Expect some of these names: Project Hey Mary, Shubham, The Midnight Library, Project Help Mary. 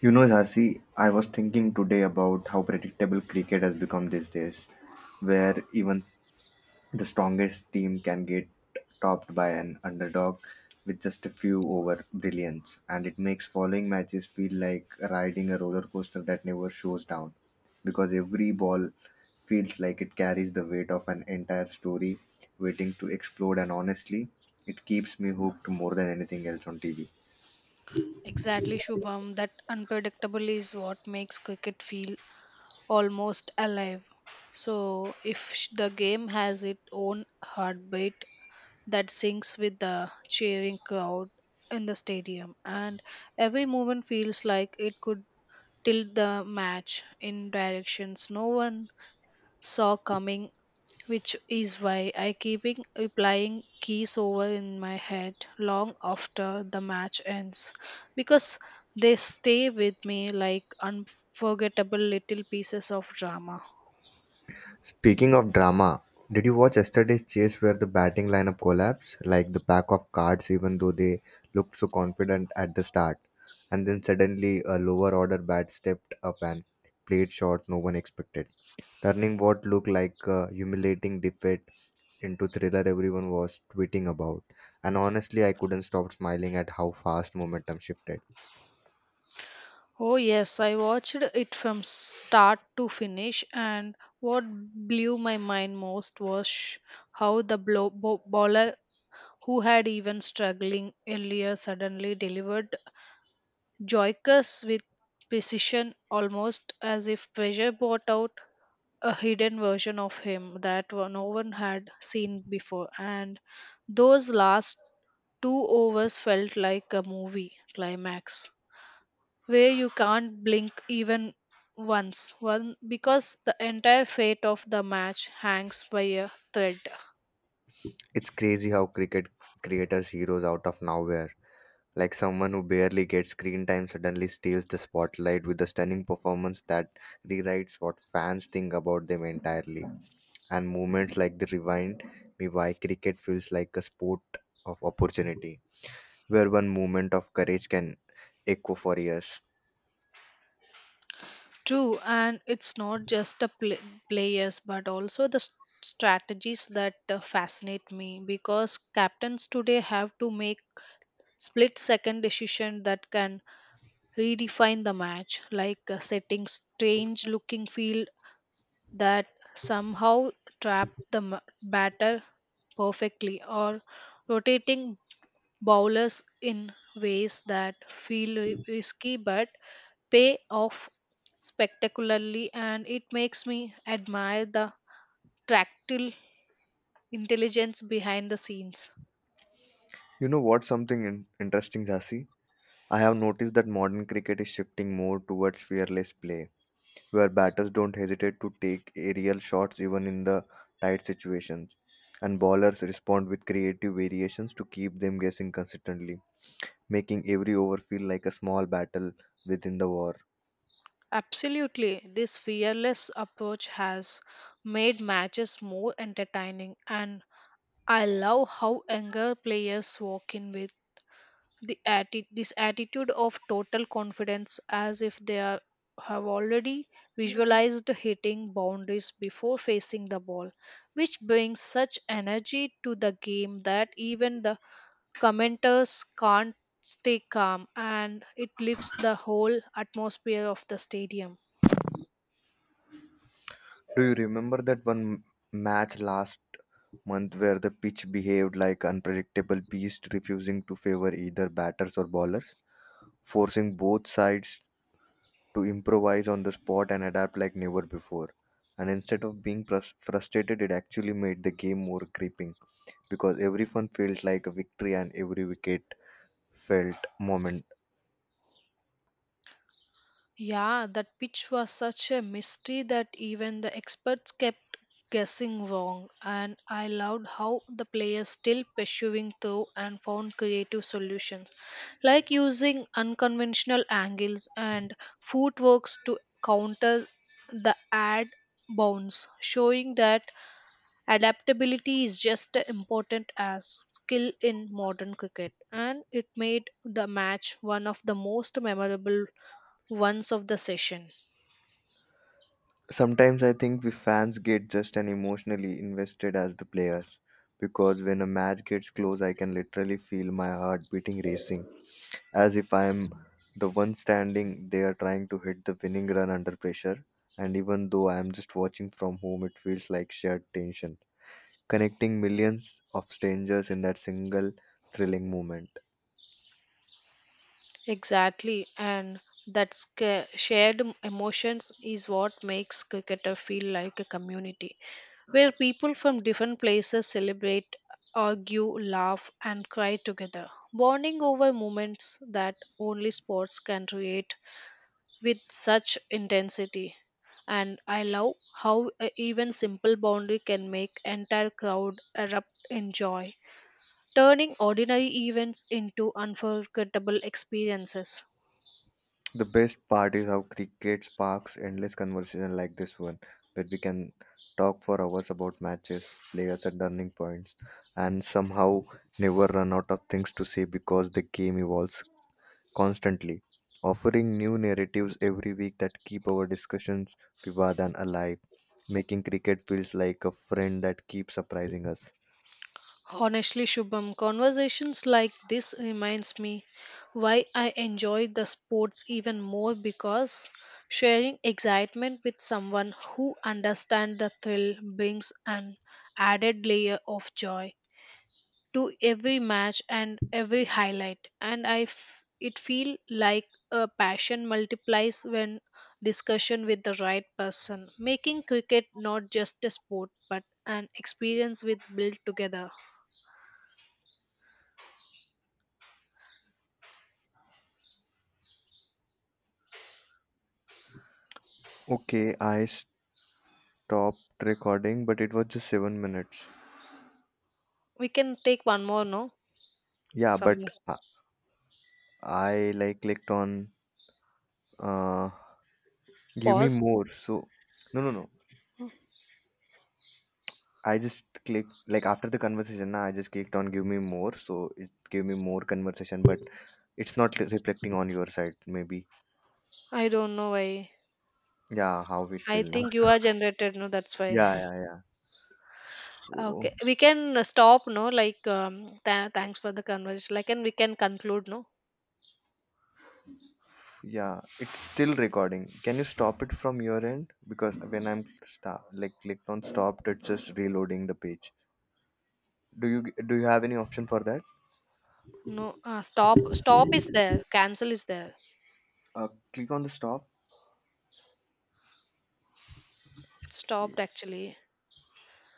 You know, Jhansi, I was thinking today about how predictable cricket has become these days, where even the strongest team can get topped by an underdog with just a few over brilliance, and it makes following matches feel like riding a roller coaster that never shows down, because every ball feels like it carries the weight of an entire story waiting to explode, and honestly, it keeps me hooked more than anything else on TV. Exactly, Shubham. That unpredictable is what makes cricket feel almost alive. So, if sh- the game has its own heartbeat that syncs with the cheering crowd in the stadium, and every movement feels like it could tilt the match in directions no one saw coming, which is why I keeping applying keys over in my head long after the match ends, because they stay with me like unforgettable little pieces of drama. Speaking of drama, did you watch yesterday's chase where the batting lineup collapsed like the pack of cards even though they looked so confident at the start? And then suddenly a lower order bat stepped up and played shot no one expected, turning what looked like a humiliating defeat into thriller everyone was tweeting about. And honestly, I couldn't stop smiling at how fast momentum shifted. Oh yes, I watched it from start to finish, and what blew my mind most was how the bowler who had even struggling earlier suddenly delivered Joyous with precision, almost as if pressure brought out a hidden version of him that no one had seen before. And those last two overs felt like a movie climax where you can't blink even once one because the entire fate of the match hangs by a thread. It's crazy how cricket creators heroes out of nowhere. Like someone who barely gets screen time suddenly steals the spotlight with a stunning performance that rewrites what fans think about them entirely. And moments like the rewind, me why cricket feels like a sport of opportunity, where one moment of courage can echo for years. True, and it's not just the players but also the strategies that fascinate me, because captains today have to make split second decision that can redefine the match, like setting strange looking field that somehow trap the batter perfectly, or rotating bowlers in ways that feel risky but pay off spectacularly, and it makes me admire the tactile intelligence behind the scenes. You know what? Something interesting, Jasi. I have noticed that modern cricket is shifting more towards fearless play where batters don't hesitate to take aerial shots even in the tight situations, and bowlers respond with creative variations to keep them guessing consistently, making every over feel like a small battle within the war. Absolutely, this fearless approach has made matches more entertaining, and I love how younger players walk in with this attitude of total confidence, as if they have already visualized hitting boundaries before facing the ball, which brings such energy to the game that even the commenters can't stay calm, and it lifts the whole atmosphere of the stadium. Do you remember that one match last month where the pitch behaved like unpredictable beast refusing to favor either batters or bowlers, forcing both sides to improvise on the spot and adapt like never before? And instead of being frustrated, it actually made the game more gripping because every fun felt like a victory and every wicket felt moment. Yeah, that pitch was such a mystery that even the experts kept guessing wrong. And I loved how the players still pursuing through and found creative solutions, like using unconventional angles and footworks to counter the ad bounce, showing that adaptability is just as important as skill in modern cricket, and it made the match one of the most memorable once of the session. Sometimes I think we fans get just as emotionally invested as the players because when a match gets close, I can literally feel my heart beating racing as if I am the one standing there trying to hit the winning run under pressure. And even though I am just watching from home, it feels like shared tension, connecting millions of strangers in that single thrilling moment. Exactly, and that emotions is what makes cricketer feel like a community, where people from different places celebrate, argue, laugh and cry together, bonding over moments that only sports can create with such intensity. And I love how a even simple boundary can make entire crowd erupt in joy, turning ordinary events into unforgettable experiences. The best part is how cricket sparks endless conversation like this one, where we can talk for hours about matches, players at turning points, and somehow never run out of things to say because the game evolves constantly, offering new narratives every week that keep our discussions vivid and alive, making cricket feels like a friend that keeps surprising us. Honestly, Shubham, conversations like this reminds me why I enjoy the sports even more, because sharing excitement with someone who understands the thrill brings an added layer of joy to every match and every highlight. And it feel like a passion multiplies when discussion with the right person, making cricket not just a sport but an experience with built together. Okay, I stopped recording, but it was just 7 minutes. We can take one more, no? Yeah, Some but I like clicked on uh give me pause. more. So no, no, no. I just clicked like after the conversation. Nah, I just clicked on give me more. So it gave me more conversation, but it's not reflecting on your side maybe. I don't know why. Yeah, how it will I now. think you are generated, no? That's why. Yeah, yeah, yeah. So Okay, we can stop no, like, thanks for the conversation like, and we can conclude, no? yeah, it's still recording. Can you stop it from your end? Because when I'm like clicked on stopped, it's just reloading the page. Do you have any option for that? No, stop, stop is there, cancel is there. Click on the stop. It stopped Okay. actually.